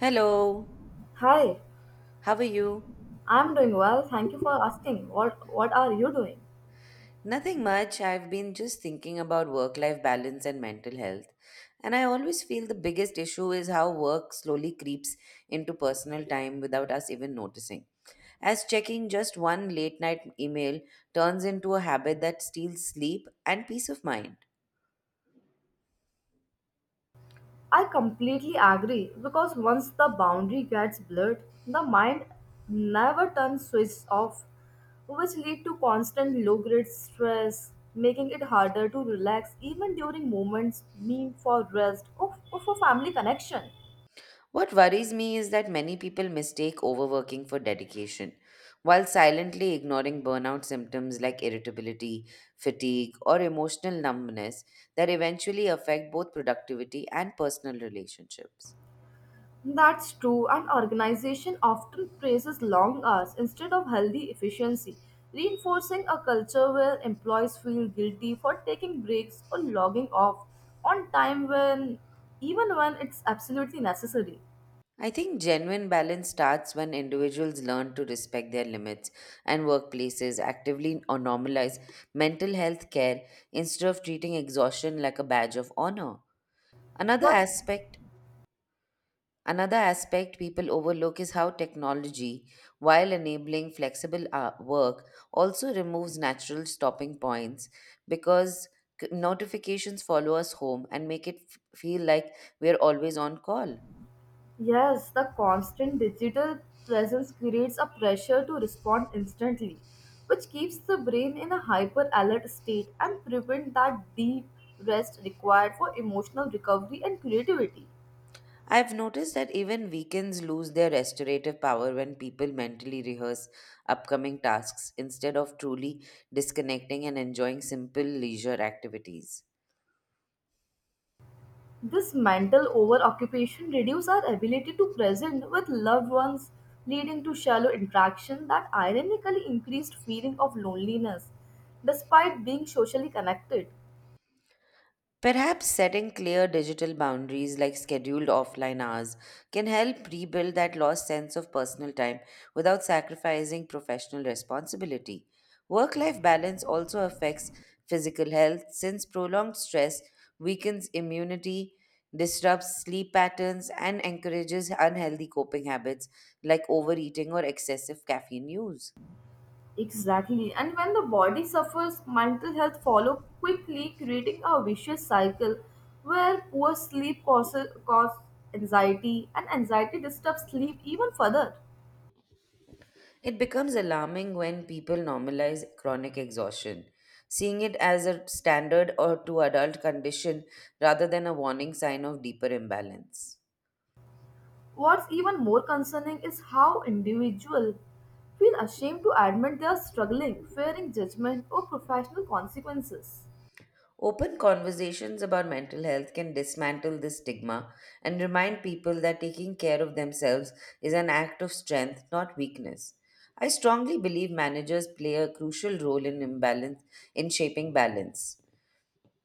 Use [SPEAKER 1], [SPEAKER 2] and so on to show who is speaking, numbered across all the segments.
[SPEAKER 1] Hello,
[SPEAKER 2] Hi,
[SPEAKER 1] how are you?
[SPEAKER 2] I'm doing well. Thank you for asking. What are you doing?
[SPEAKER 1] Nothing much. I've been just thinking about work life balance and mental health. And I always feel the biggest issue is how work slowly creeps into personal time without us even noticing. As checking just one late night email turns into a habit that steals sleep and peace of mind.
[SPEAKER 2] I completely agree because once the boundary gets blurred, the mind never turns switch off, which lead to constant low-grade stress, making it harder to relax even during moments meant for rest or for family connection.
[SPEAKER 1] What worries me is that many people mistake overworking for dedication, while silently ignoring burnout symptoms like irritability, fatigue, or emotional numbness that eventually affect both productivity and personal relationships.
[SPEAKER 2] That's true, and organization often praises long hours instead of healthy efficiency, reinforcing a culture where employees feel guilty for taking breaks or logging off on time when even when it's absolutely necessary.
[SPEAKER 1] I think genuine balance starts when individuals learn to respect their limits and workplaces actively or normalize mental health care instead of treating exhaustion like a badge of honor. Another
[SPEAKER 2] But
[SPEAKER 1] aspect Another aspect people overlook is how technology, while enabling flexible work, also removes natural stopping points because notifications follow us home and make it feel like we're always on call.
[SPEAKER 2] yes, the constant digital presence creates a pressure to respond instantly, which keeps the brain in a hyper alert state and prevent that deep rest required for emotional recovery and creativity.
[SPEAKER 1] I've noticed that even weekends lose their restorative power when people mentally rehearse upcoming tasks instead of truly disconnecting and enjoying simple leisure activities.
[SPEAKER 2] This mental overoccupation reduces our ability to present with loved ones, leading to shallow interaction that ironically increased feeling of loneliness despite being socially connected.
[SPEAKER 1] Perhaps setting clear digital boundaries like scheduled offline hours can help rebuild that lost sense of personal time without sacrificing professional responsibility. Work life balance also affects physical health since prolonged stress weakens immunity, disrupts sleep patterns, and encourages unhealthy coping habits like overeating or excessive caffeine use.
[SPEAKER 2] Exactly. And when the body suffers, mental health follow quickly, creating a vicious cycle where poor sleep cause anxiety and anxiety disturbs sleep even further.
[SPEAKER 1] It becomes alarming when people normalize chronic exhaustion, seeing it as a standard or to adult condition rather than a warning sign of deeper imbalance.
[SPEAKER 2] What's even more concerning is how individuals feel ashamed to admit they are struggling, fearing judgment or professional consequences.
[SPEAKER 1] Open conversations about mental health can dismantle this stigma and remind people that taking care of themselves is an act of strength, not weakness. I strongly believe managers play a crucial role in shaping balance,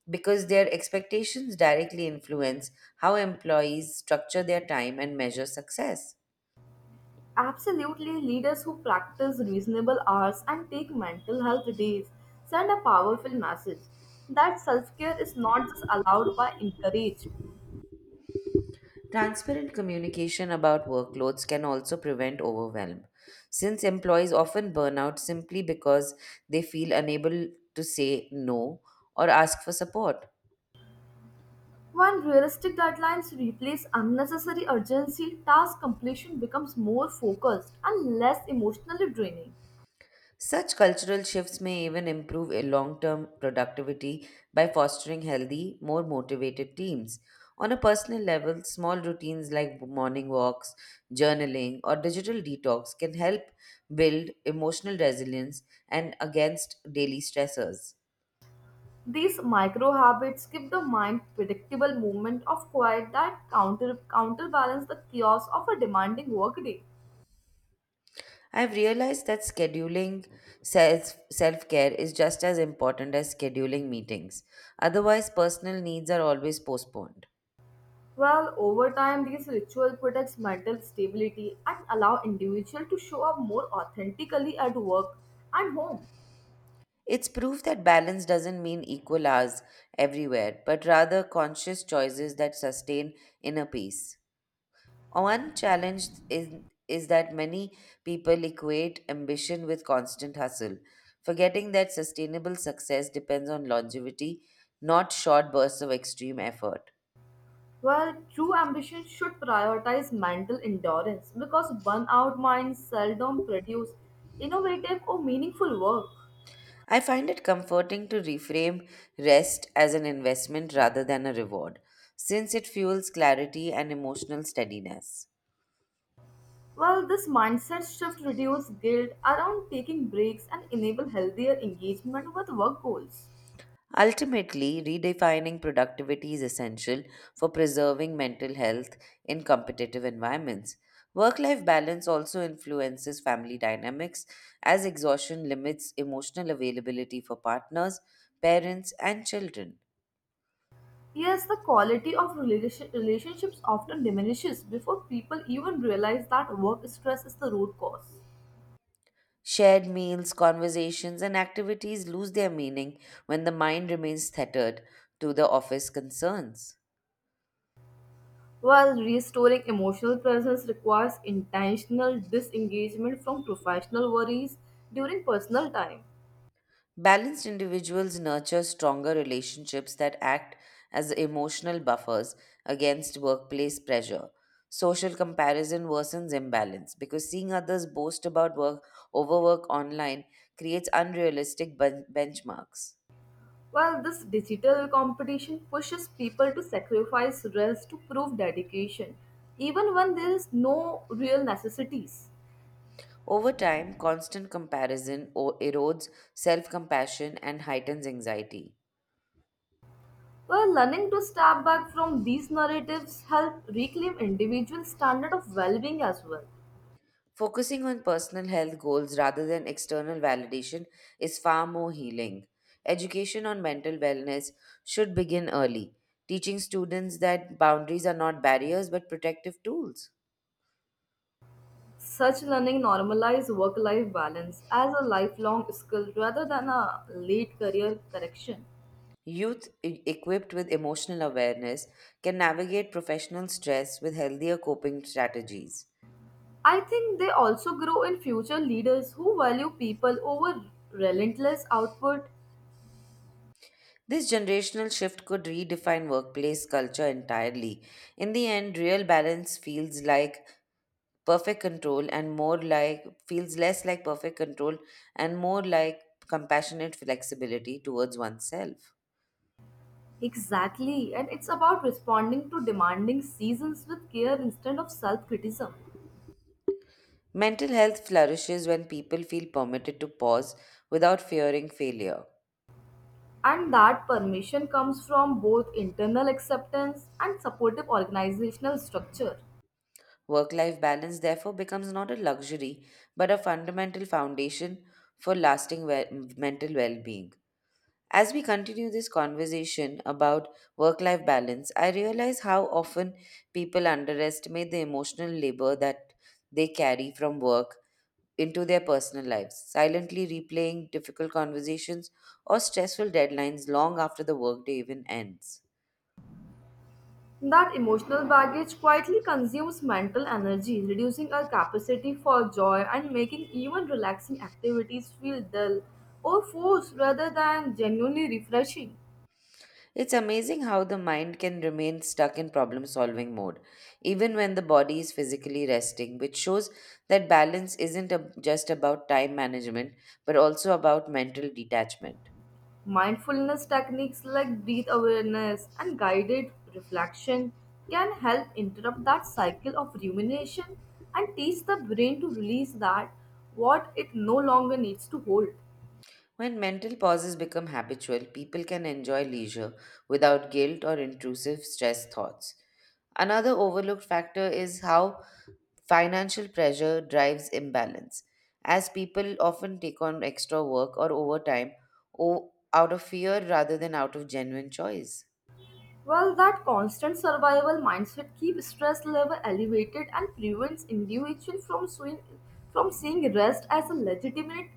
[SPEAKER 1] because their expectations directly influence how employees structure their time and measure success.
[SPEAKER 2] Absolutely, leaders who practice reasonable hours and take mental health days send a powerful message that self care is not just allowed but encouraged.
[SPEAKER 1] Transparent communication about workloads can also prevent overwhelm, since employees often burn out simply because they feel unable to say no or ask for support.
[SPEAKER 2] When realistic deadlines replace unnecessary urgency, task completion becomes more focused and less emotionally draining.
[SPEAKER 1] Such cultural shifts may even improve a long term productivity by fostering healthy, more motivated teams. On a personal level, small routines like morning walks, journaling, or digital detox can help build emotional resilience and against daily stressors.
[SPEAKER 2] These micro habits give the mind predictable movement of quiet that counterbalance the chaos of a demanding workday.
[SPEAKER 1] I've realized that scheduling self care is just as important as scheduling meetings. Otherwise, personal needs are always postponed.
[SPEAKER 2] Well, over time, these ritual protects mental stability and allow individual to show up more authentically at work and home.
[SPEAKER 1] It's proof that balance doesn't mean equal hours everywhere, but rather conscious choices that sustain inner peace. One challenge is, is that many people equate ambition with constant hustle, forgetting that sustainable success depends on longevity, not short bursts of extreme effort.
[SPEAKER 2] Well, true ambition should prioritize mental endurance because burnout minds seldom produce innovative or meaningful work.
[SPEAKER 1] I find it comforting to reframe rest as an investment rather than a reward, since it fuels clarity and emotional steadiness.
[SPEAKER 2] Well, this mindset shift reduces guilt around taking breaks and enable healthier engagement with work goals.
[SPEAKER 1] Ultimately, redefining productivity is essential for preserving mental health in competitive environments. Work life balance also influences family dynamics, as exhaustion limits emotional availability for partners, parents, and children.
[SPEAKER 2] Yes, the quality of relationships often diminishes before people even realize that work stress is the root cause.
[SPEAKER 1] Shared meals, conversations, and activities lose their meaning when the mind remains tethered to the office concerns.
[SPEAKER 2] While restoring emotional presence requires intentional disengagement from professional worries during personal time.
[SPEAKER 1] Balanced individuals nurture stronger relationships that act as emotional buffers against workplace pressure. Social comparison worsens imbalance because seeing others boast about work overwork online creates unrealistic benchmarks.
[SPEAKER 2] While this digital competition pushes people to sacrifice rest to prove dedication, even when there is no real necessities.
[SPEAKER 1] Over time, constant erodes self-compassion and heightens anxiety.
[SPEAKER 2] Well, learning to step back from these narratives help reclaim individual standard of well-being as well.
[SPEAKER 1] Focusing on personal health goals rather than external validation is far more healing. Education on mental wellness should begin early, teaching students that boundaries are not barriers but protective tools.
[SPEAKER 2] Such learning normalize work-life balance as a lifelong skill rather than a late career correction.
[SPEAKER 1] Equipped with emotional awareness can navigate professional stress with healthier coping strategies.
[SPEAKER 2] I think they also grow in future leaders who value people over relentless output.
[SPEAKER 1] This generational shift could redefine workplace culture entirely. In the end, real balance feels less like perfect control and more like compassionate flexibility towards oneself.
[SPEAKER 2] Exactly, and it's about responding to demanding seasons with care instead of self criticism.
[SPEAKER 1] Mental health flourishes when people feel permitted to pause without fearing failure.
[SPEAKER 2] And that permission comes from both internal acceptance and supportive organizational structure.
[SPEAKER 1] Work life balance therefore becomes not a luxury but a fundamental foundation for lasting mental well being. As we continue this conversation about work life balance, I realize how often people underestimate the emotional labor that they carry from work into their personal lives, silently replaying difficult conversations or stressful deadlines long after the workday even ends.
[SPEAKER 2] That emotional baggage quietly consumes mental energy, reducing our capacity for joy and making even relaxing activities feel dull or forced rather than genuinely refreshing.
[SPEAKER 1] It's amazing how the mind can remain stuck in problem solving mode, even when the body is physically resting, which shows that balance isn't ab- just about time management, but also about mental detachment.
[SPEAKER 2] Mindfulness techniques like breath awareness and guided reflection can help interrupt that cycle of rumination and teach the brain to release that what it no longer needs to hold.
[SPEAKER 1] When mental pauses become habitual, people can enjoy leisure without guilt or intrusive stress thoughts. Another overlooked factor is how Financial pressure drives imbalance, as people often take on extra work or out of fear rather than out of genuine choice.
[SPEAKER 2] Well, that constant survival mindset keeps stress level elevated and prevents individuals from seeing rest as a legitimate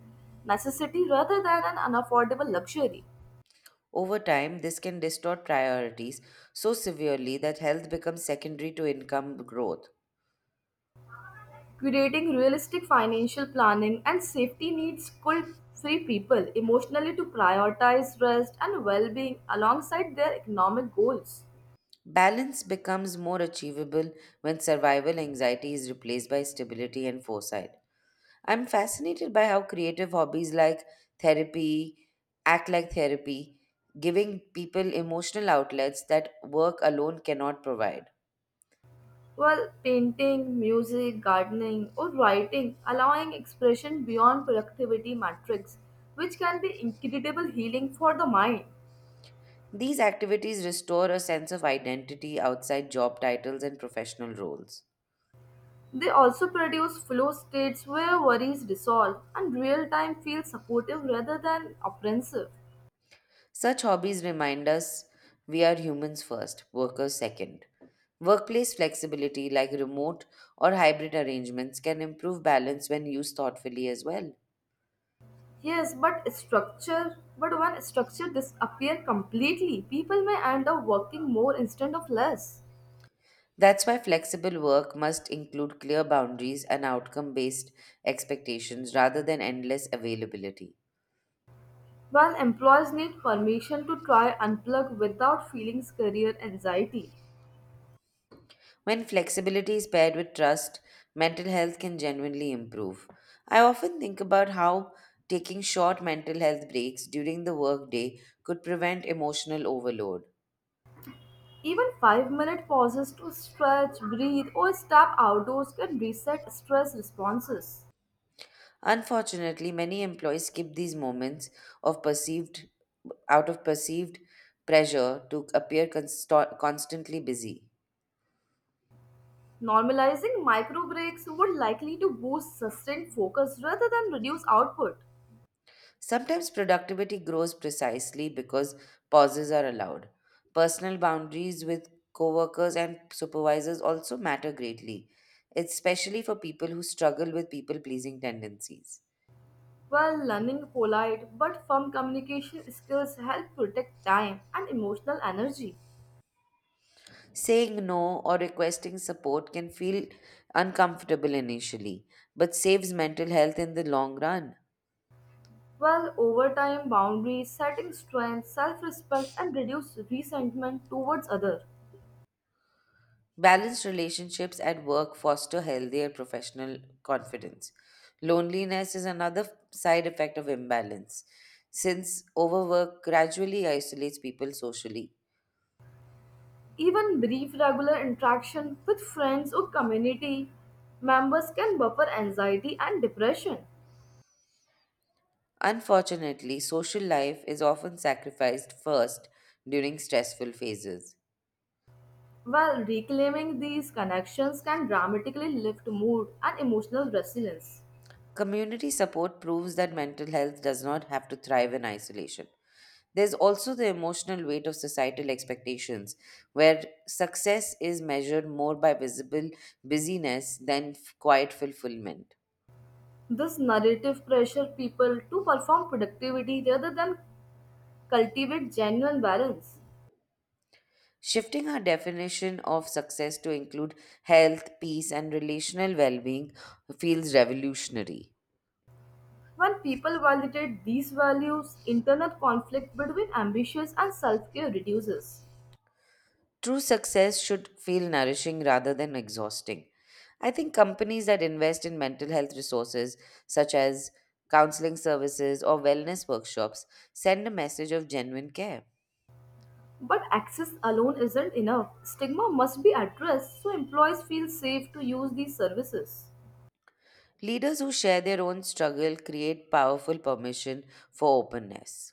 [SPEAKER 2] necessity rather than an unaffordable luxury.
[SPEAKER 1] Over time, this can distort priorities so severely that health becomes secondary to income growth.
[SPEAKER 2] Creating realistic financial planning and safety needs could free people emotionally to prioritize rest and well being alongside their economic goals.
[SPEAKER 1] Balance becomes more achievable when survival anxiety is replaced by stability and foresight. I'm fascinated by how creative hobbies like therapy act like therapy, giving people emotional outlets that work alone cannot provide.
[SPEAKER 2] Well, painting, music, gardening, or writing, allowing expression beyond productivity metrics, which can be incredible healing for the mind.
[SPEAKER 1] These activities restore a sense of identity outside job titles and professional roles.
[SPEAKER 2] They also produce flow states where worries dissolve and real time feels supportive rather than oppressive.
[SPEAKER 1] Such hobbies remind us we are humans first, workers second. Workplace flexibility, like remote or hybrid arrangements, can improve balance when used thoughtfully as well.
[SPEAKER 2] Yes, but when structure disappear completely, people may end up working more instead of less.
[SPEAKER 1] That's why flexible work must include clear boundaries and outcome based expectations rather than endless availability.
[SPEAKER 2] When employees need permission to try unplug without feeling career anxiety.
[SPEAKER 1] When flexibility is paired with trust, mental health can genuinely improve. I often think about how taking short mental health breaks during the workday could prevent emotional overload.
[SPEAKER 2] Even 5-minute pauses to stretch, breathe, or step outdoors can reset stress responses.
[SPEAKER 1] Unfortunately, many employees skip these moments of perceived out of perceived pressure to appear constantly busy.
[SPEAKER 2] Normalizing micro breaks would likely to boost sustained focus rather than reduce output.
[SPEAKER 1] Sometimes productivity grows precisely because pauses are allowed. Personal boundaries with coworkers and supervisors also matter greatly, especially for people who struggle with people pleasing tendencies.
[SPEAKER 2] While learning polite but firm communication skills help protect time and emotional energy.
[SPEAKER 1] Saying no or requesting support can feel uncomfortable initially, but saves mental health in the long run.
[SPEAKER 2] While over time, boundaries, setting strength, self-respect, and reduce resentment towards others.
[SPEAKER 1] Balanced relationships at work foster healthier professional confidence. Loneliness is another side effect of imbalance, since overwork gradually isolates people socially.
[SPEAKER 2] Even brief regular interaction with friends or community members can buffer anxiety and depression.
[SPEAKER 1] Unfortunately, social life is often sacrificed first during stressful phases.
[SPEAKER 2] While reclaiming these connections can dramatically lift mood and emotional resilience.
[SPEAKER 1] Community support proves that mental health does not have to thrive in isolation. There's also the emotional weight of societal expectations, where success is measured more by visible busyness than quiet fulfillment.
[SPEAKER 2] This narrative pressure people to perform productivity rather than cultivate genuine balance.
[SPEAKER 1] Shifting our definition of success to include health, peace, and relational well being feels revolutionary.
[SPEAKER 2] When people validate these values, internal conflict between ambitions and self care reduces.
[SPEAKER 1] True success should feel nourishing rather than exhausting. I think companies that invest in mental health resources, such as counseling services or wellness workshops, send a message of genuine care.
[SPEAKER 2] But access alone isn't enough. Stigma must be addressed so employees feel safe to use these services.
[SPEAKER 1] Leaders who share their own struggle create powerful permission for openness.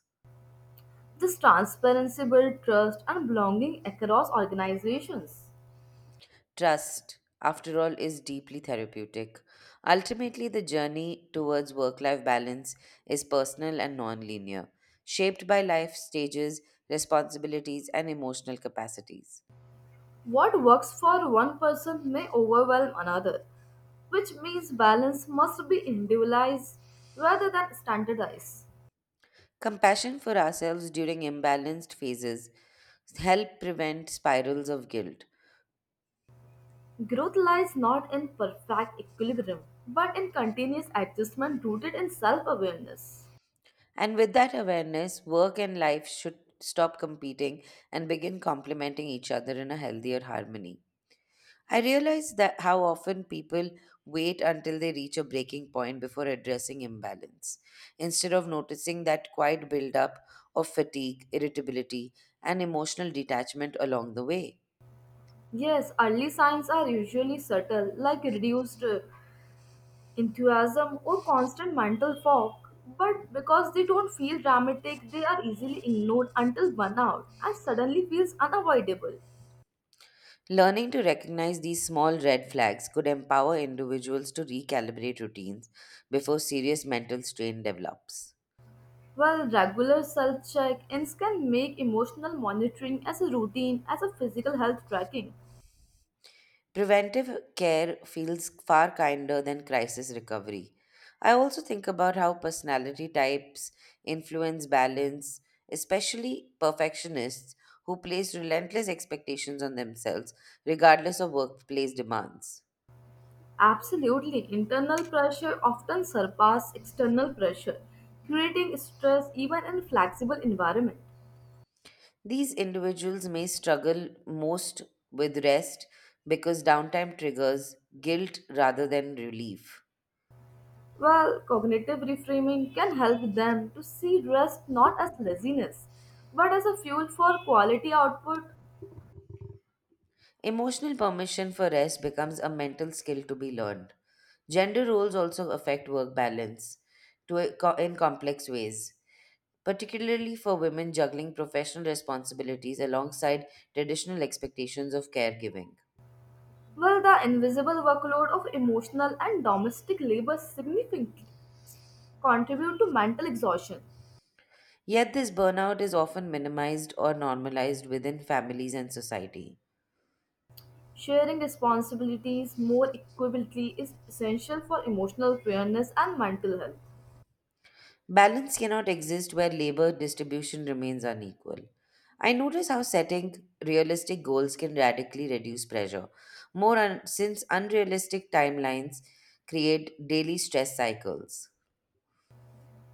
[SPEAKER 2] This transparency builds trust and belonging across organizations.
[SPEAKER 1] Trust, after all, is deeply therapeutic. Ultimately, the journey towards work life balance is personal and non-linear, shaped by life stages, responsibilities, and emotional capacities.
[SPEAKER 2] What works for one person may overwhelm another, which means balance must be individualized rather than standardized.
[SPEAKER 1] Compassion for ourselves during imbalanced phases help prevent spirals of guilt.
[SPEAKER 2] Growth lies not in perfect equilibrium, but in continuous adjustment rooted in self awareness.
[SPEAKER 1] And with that awareness, work and life should stop competing and begin complementing each other in a healthier harmony. I realize that how often people wait until they reach a breaking point before addressing imbalance, instead of noticing that quiet buildup of fatigue, irritability, and emotional detachment along the way.
[SPEAKER 2] Yes, early signs are usually subtle, like reduced enthusiasm or constant mental fog, but because they don't feel dramatic, they are easily ignored until burnout and suddenly feels unavoidable.
[SPEAKER 1] Learning to recognize these small red flags could empower individuals to recalibrate routines before serious mental strain develops.
[SPEAKER 2] While regular self check ins can make emotional monitoring as a routine as a physical health tracking.
[SPEAKER 1] Preventive care feels far kinder than crisis recovery. I also think about how personality types influence balance, especially perfectionists who place relentless expectations on themselves, regardless of workplace demands.
[SPEAKER 2] Absolutely, internal pressure often surpasses external pressure, creating stress even in flexible environment.
[SPEAKER 1] These individuals may struggle most with rest because downtime triggers guilt rather than relief.
[SPEAKER 2] While cognitive reframing can help them to see rest not as laziness, but as a fuel for quality output,
[SPEAKER 1] Emotional permission for rest becomes a mental skill to be learned. Gender roles also affect work balance in complex ways, particularly for women juggling professional responsibilities alongside traditional expectations of caregiving.
[SPEAKER 2] while the invisible workload of emotional and domestic labor significantly contribute to mental exhaustion.
[SPEAKER 1] Yet, this burnout is often minimized or normalized within families and society.
[SPEAKER 2] Sharing responsibilities more equitably is essential for emotional fairness and mental health.
[SPEAKER 1] Balance cannot exist where labor distribution remains unequal. I notice how setting realistic goals can radically reduce pressure, since unrealistic timelines create daily stress cycles.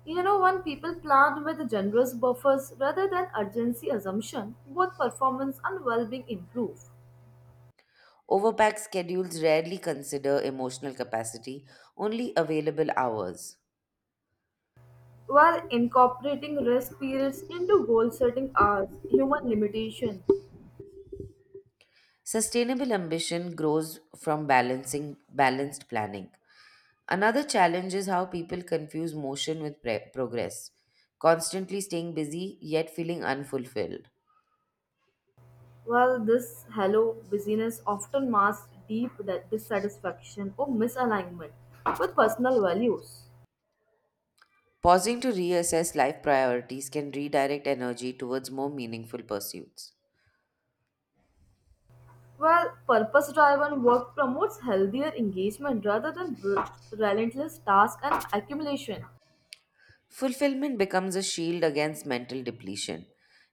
[SPEAKER 2] You know, when people plan with generous buffers rather than urgency assumption, both performance and well-being improve.
[SPEAKER 1] Overpack schedules rarely consider emotional capacity, only available hours.
[SPEAKER 2] While incorporating rest periods into goal-setting hours, human limitation.
[SPEAKER 1] Sustainable ambition grows from balancing balanced planning. Another challenge is how people confuse motion with progress, constantly staying busy yet feeling unfulfilled.
[SPEAKER 2] While this hello busyness often masks deep dissatisfaction or misalignment with personal values.
[SPEAKER 1] Pausing to reassess life priorities can redirect energy towards more meaningful pursuits.
[SPEAKER 2] Well, purpose driven work promotes healthier engagement rather than relentless task and accumulation.
[SPEAKER 1] Fulfillment becomes a shield against mental depletion.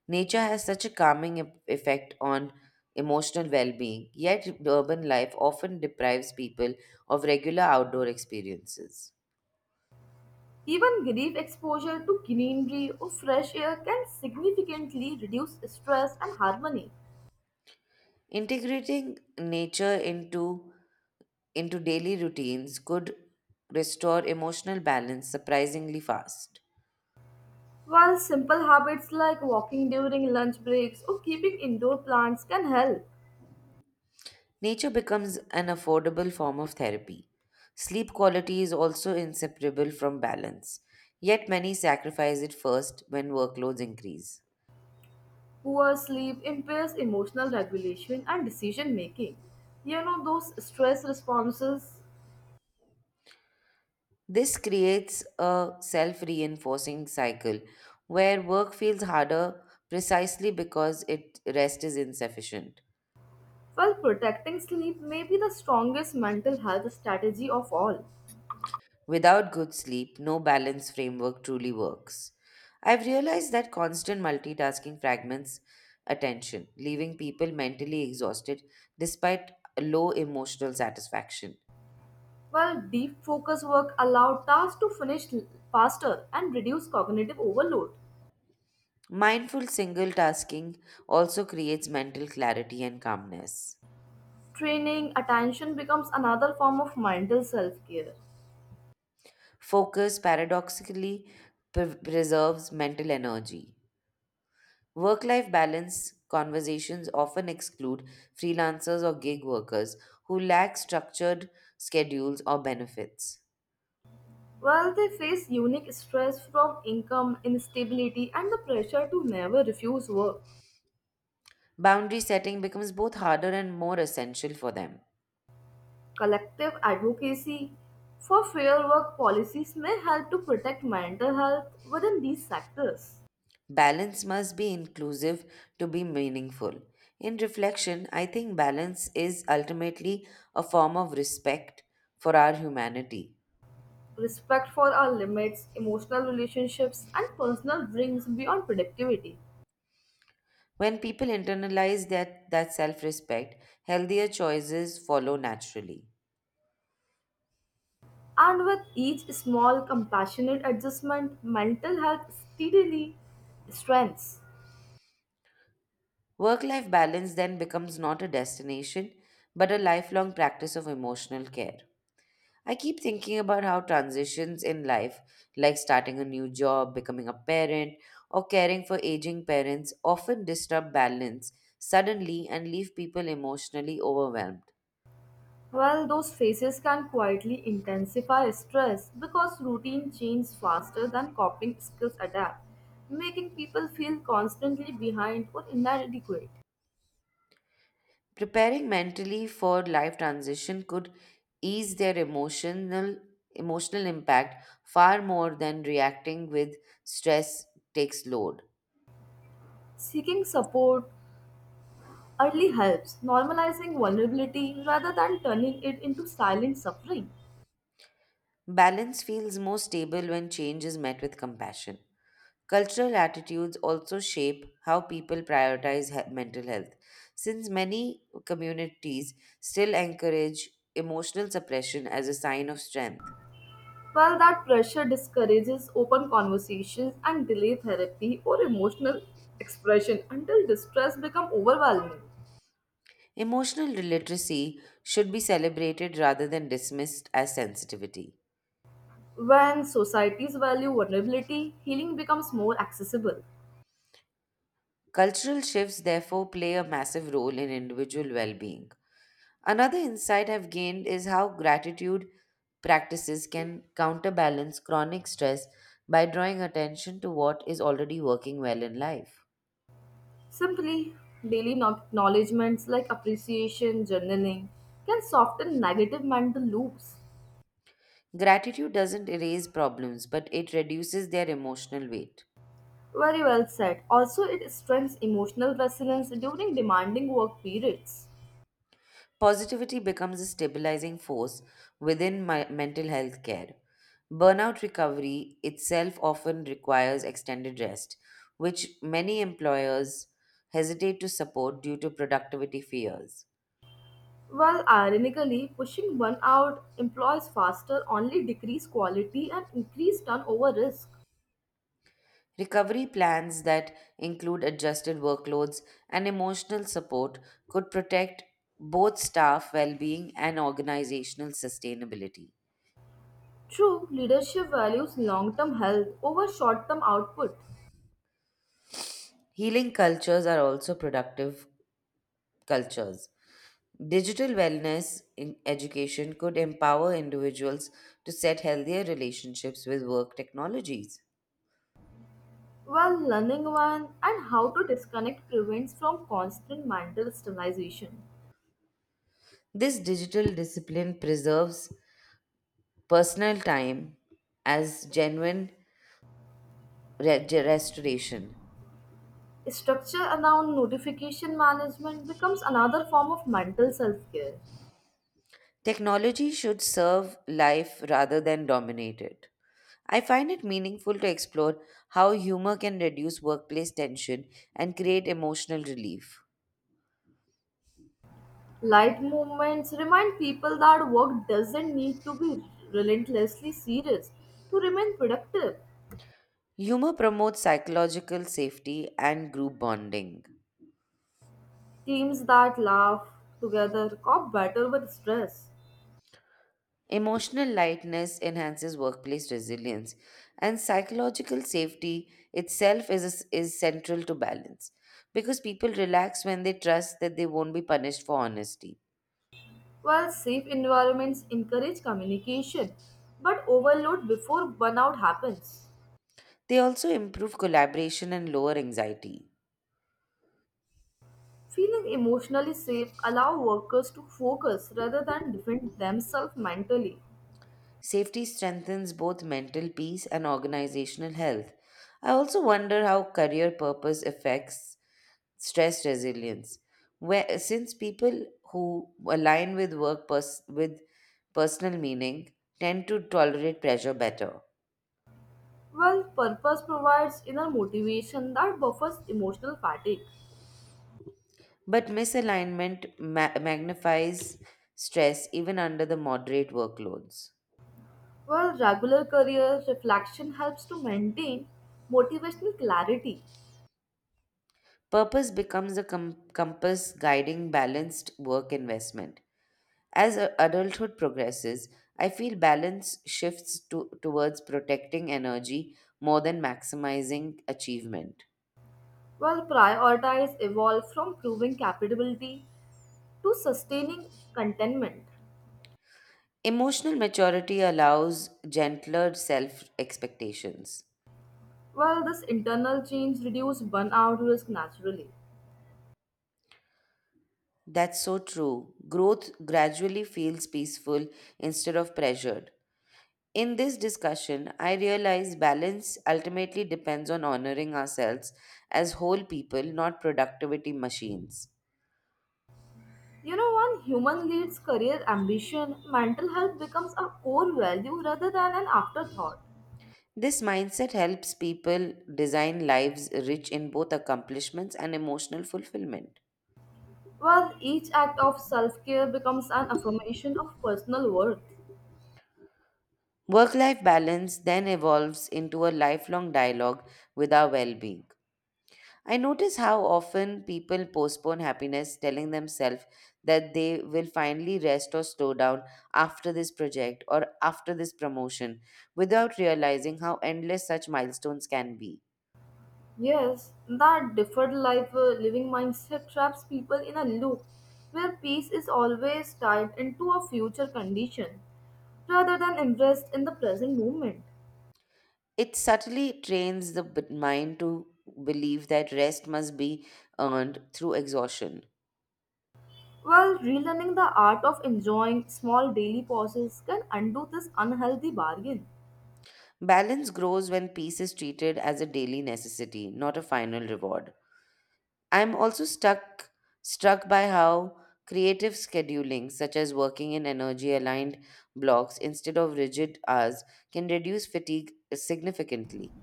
[SPEAKER 1] Nature has such a calming effect on emotional well being, yet, urban life often deprives people of regular outdoor experiences.
[SPEAKER 2] Even brief exposure to greenery or fresh air can significantly reduce stress and harmony.
[SPEAKER 1] Integrating nature into daily routines could restore emotional balance surprisingly fast.
[SPEAKER 2] While simple habits like walking during lunch breaks or keeping indoor plants can help,
[SPEAKER 1] Nature becomes an affordable form of therapy. Sleep quality is also inseparable from balance, yet, many sacrifice it first when workloads increase.
[SPEAKER 2] poor sleep impairs emotional regulation and decision making. You know, those stress responses.
[SPEAKER 1] This creates a self reinforcing cycle where work feels harder precisely because rest is insufficient.
[SPEAKER 2] Well, protecting sleep may be the strongest mental health strategy of all.
[SPEAKER 1] Without good sleep, no balance framework truly works. I've realized that constant multitasking fragments attention, leaving people mentally exhausted despite low emotional satisfaction.
[SPEAKER 2] While deep focus work allow tasks to finish faster and reduce cognitive overload.
[SPEAKER 1] Mindful single tasking also creates mental clarity and calmness.
[SPEAKER 2] Training attention becomes another form of mental self-care.
[SPEAKER 1] Focus paradoxically preserves mental energy. Work life balance conversations often exclude freelancers or gig workers who lack structured schedules or benefits.
[SPEAKER 2] While they face unique stress from income instability and the pressure to never refuse work,
[SPEAKER 1] Boundary setting becomes both harder and more essential for them.
[SPEAKER 2] collective advocacy for fair work policies may help to protect mental health within these sectors.
[SPEAKER 1] Balance must be inclusive to be meaningful. In reflection, I think balance is ultimately a form of respect for our humanity.
[SPEAKER 2] Respect for our limits, emotional relationships, and personal dreams beyond productivity.
[SPEAKER 1] When people internalize that self respect, healthier choices follow naturally.
[SPEAKER 2] And with each small compassionate adjustment, mental health steadily strengthens.
[SPEAKER 1] Work life balance then becomes not a destination, but a lifelong practice of emotional care. I keep thinking about how transitions in life, like starting a new job, becoming a parent, or caring for aging parents, often disrupt balance suddenly and leave people emotionally overwhelmed.
[SPEAKER 2] While those phases can quietly intensify stress because routine changes faster than coping skills adapt, making people feel constantly behind or inadequate.
[SPEAKER 1] Preparing mentally for life transition could ease their emotional impact far more than reacting with stress takes load.
[SPEAKER 2] Seeking support early helps, normalizing vulnerability rather than turning it into silent suffering.
[SPEAKER 1] Balance feels more stable when change is met with compassion. Cultural attitudes also shape how people prioritize mental health, since many communities still encourage emotional suppression as a sign of strength.
[SPEAKER 2] Well, that pressure discourages open conversations and delay therapy or emotional expression until distress becomes overwhelming.
[SPEAKER 1] Emotional literacy should be celebrated rather than dismissed as sensitivity.
[SPEAKER 2] When societies value vulnerability, healing becomes more accessible.
[SPEAKER 1] Cultural shifts, therefore, play a massive role in individual well being. Another insight I've gained is how gratitude practices can counterbalance chronic stress by drawing attention to what is already working well in life.
[SPEAKER 2] Simply, daily acknowledgements like appreciation, journaling can soften negative mental loops.
[SPEAKER 1] Gratitude doesn't erase problems, but it reduces their emotional weight.
[SPEAKER 2] Very well said. Also, it strengthens emotional resilience during demanding work periods.
[SPEAKER 1] Positivity becomes a stabilizing force within my mental health care. Burnout recovery itself often requires extended rest, which many employers hesitate to support due to productivity fears.
[SPEAKER 2] While ironically, pushing one out employees faster only decrease quality and increase turnover risk.
[SPEAKER 1] Recovery plans that include adjusted workloads and emotional support could protect both staff well being and organizational sustainability.
[SPEAKER 2] True, leadership values long term health over short term output,
[SPEAKER 1] Healing cultures are also productive cultures. Digital wellness in education could empower individuals to set healthier relationships with work technologies.
[SPEAKER 2] while learning one and how to disconnect prevents from constant mental sterilization.
[SPEAKER 1] This digital discipline preserves personal time as genuine restoration.
[SPEAKER 2] Structure around notification management becomes another form of mental self care.
[SPEAKER 1] Technology should serve life rather than dominate it. I find it meaningful to explore how humor can reduce workplace tension and create emotional relief.
[SPEAKER 2] Light movements remind people that work doesn't need to be relentlessly serious to remain productive.
[SPEAKER 1] Humor promotes psychological safety and group bonding.
[SPEAKER 2] Teams that laugh together cope better with stress,
[SPEAKER 1] Emotional lightness enhances workplace resilience, and psychological safety itself is central to balance because people relax when they trust that they won't be punished for honesty.
[SPEAKER 2] while safe environments encourage communication but overload before burnout happens.
[SPEAKER 1] They also improve collaboration and lower anxiety.
[SPEAKER 2] Feeling emotionally safe allow workers to focus rather than defend themselves mentally,
[SPEAKER 1] Safety strengthens both mental peace and organizational health. I also wonder how career purpose affects stress resilience. Where, since people who align with with personal meaning tend to tolerate pressure better,
[SPEAKER 2] while purpose provides inner motivation that buffers emotional fatigue.
[SPEAKER 1] but misalignment magnifies stress even under the moderate workloads.
[SPEAKER 2] While regular career reflection helps to maintain motivational clarity.
[SPEAKER 1] Purpose becomes a compass guiding balanced work investment. As adulthood progresses, I feel balance shifts towards protecting energy more than maximizing achievement.
[SPEAKER 2] While prioritize evolve from proving capability to sustaining contentment.
[SPEAKER 1] Emotional maturity allows gentler self expectations.
[SPEAKER 2] Well, this internal change reduces burnout risk naturally.
[SPEAKER 1] That's so true. Growth gradually feels peaceful instead of pressured. In this discussion, I realize balance ultimately depends on honoring ourselves as whole people, not productivity machines.
[SPEAKER 2] You know, when human leads career ambition, mental health becomes a core value rather than an afterthought.
[SPEAKER 1] This mindset helps people design lives rich in both accomplishments and emotional fulfillment.
[SPEAKER 2] While each act of self-care becomes an affirmation of personal worth.
[SPEAKER 1] Work life balance then evolves into a lifelong dialogue with our well being. I notice how often people postpone happiness, telling themselves that they will finally rest or slow down after this project or after this promotion, without realizing how endless such milestones can be.
[SPEAKER 2] Yes, that deferred life living mindset traps people in a loop where peace is always tied into a future condition rather than impressed in the present moment.
[SPEAKER 1] It subtly trains the mind to believe that rest must be earned through exhaustion.
[SPEAKER 2] While relearning the art of enjoying small daily pauses can undo this unhealthy bargain.
[SPEAKER 1] Balance grows when peace is treated as a daily necessity, not a final reward. I'm also stuck struck by how creative scheduling, such as working in energy aligned blocks instead of rigid hours, can reduce fatigue significantly.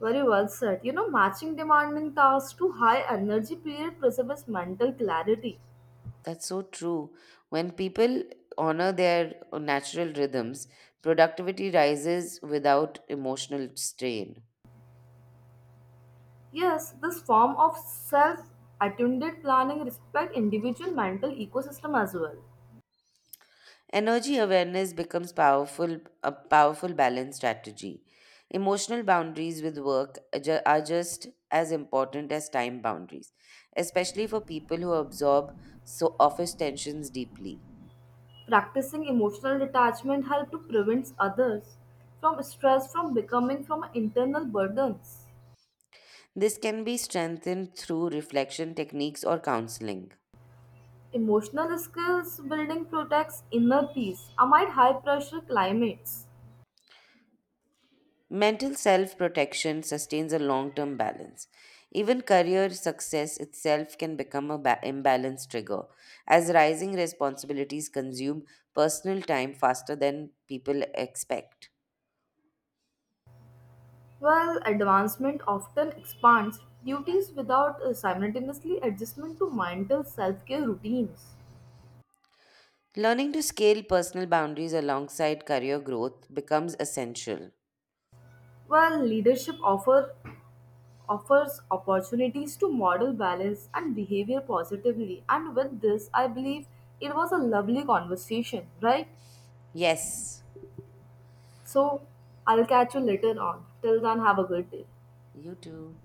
[SPEAKER 2] Very well said. You know, matching demanding tasks to high energy period preserves mental clarity.
[SPEAKER 1] That's so true. When people honor their natural rhythms, productivity rises without emotional strain.
[SPEAKER 2] Yes, this form of self attuned planning respect individual mental ecosystem as well.
[SPEAKER 1] Energy awareness becomes powerful a powerful balance strategy. Emotional boundaries with work are just as important as time boundaries, especially for people who absorb so office tensions deeply.
[SPEAKER 2] Practicing emotional detachment helps to prevent others from stress from becoming from internal burdens.
[SPEAKER 1] This can be strengthened through reflection techniques or counseling.
[SPEAKER 2] Emotional skills building protects inner peace amid high pressure climates.
[SPEAKER 1] Mental self protection sustains a long term balance. Even career success itself can become an imbalance trigger, as rising responsibilities consume personal time faster than people expect.
[SPEAKER 2] While advancement often expands duties without simultaneously adjustment to mental self care routines.
[SPEAKER 1] Learning to scale personal boundaries alongside career growth becomes essential.
[SPEAKER 2] While leadership offers opportunities to model balance and behavior positively. And with this, I believe it was a lovely conversation, right?
[SPEAKER 1] Yes,
[SPEAKER 2] So I'll catch you later on. Till then, have a good day.
[SPEAKER 1] you too.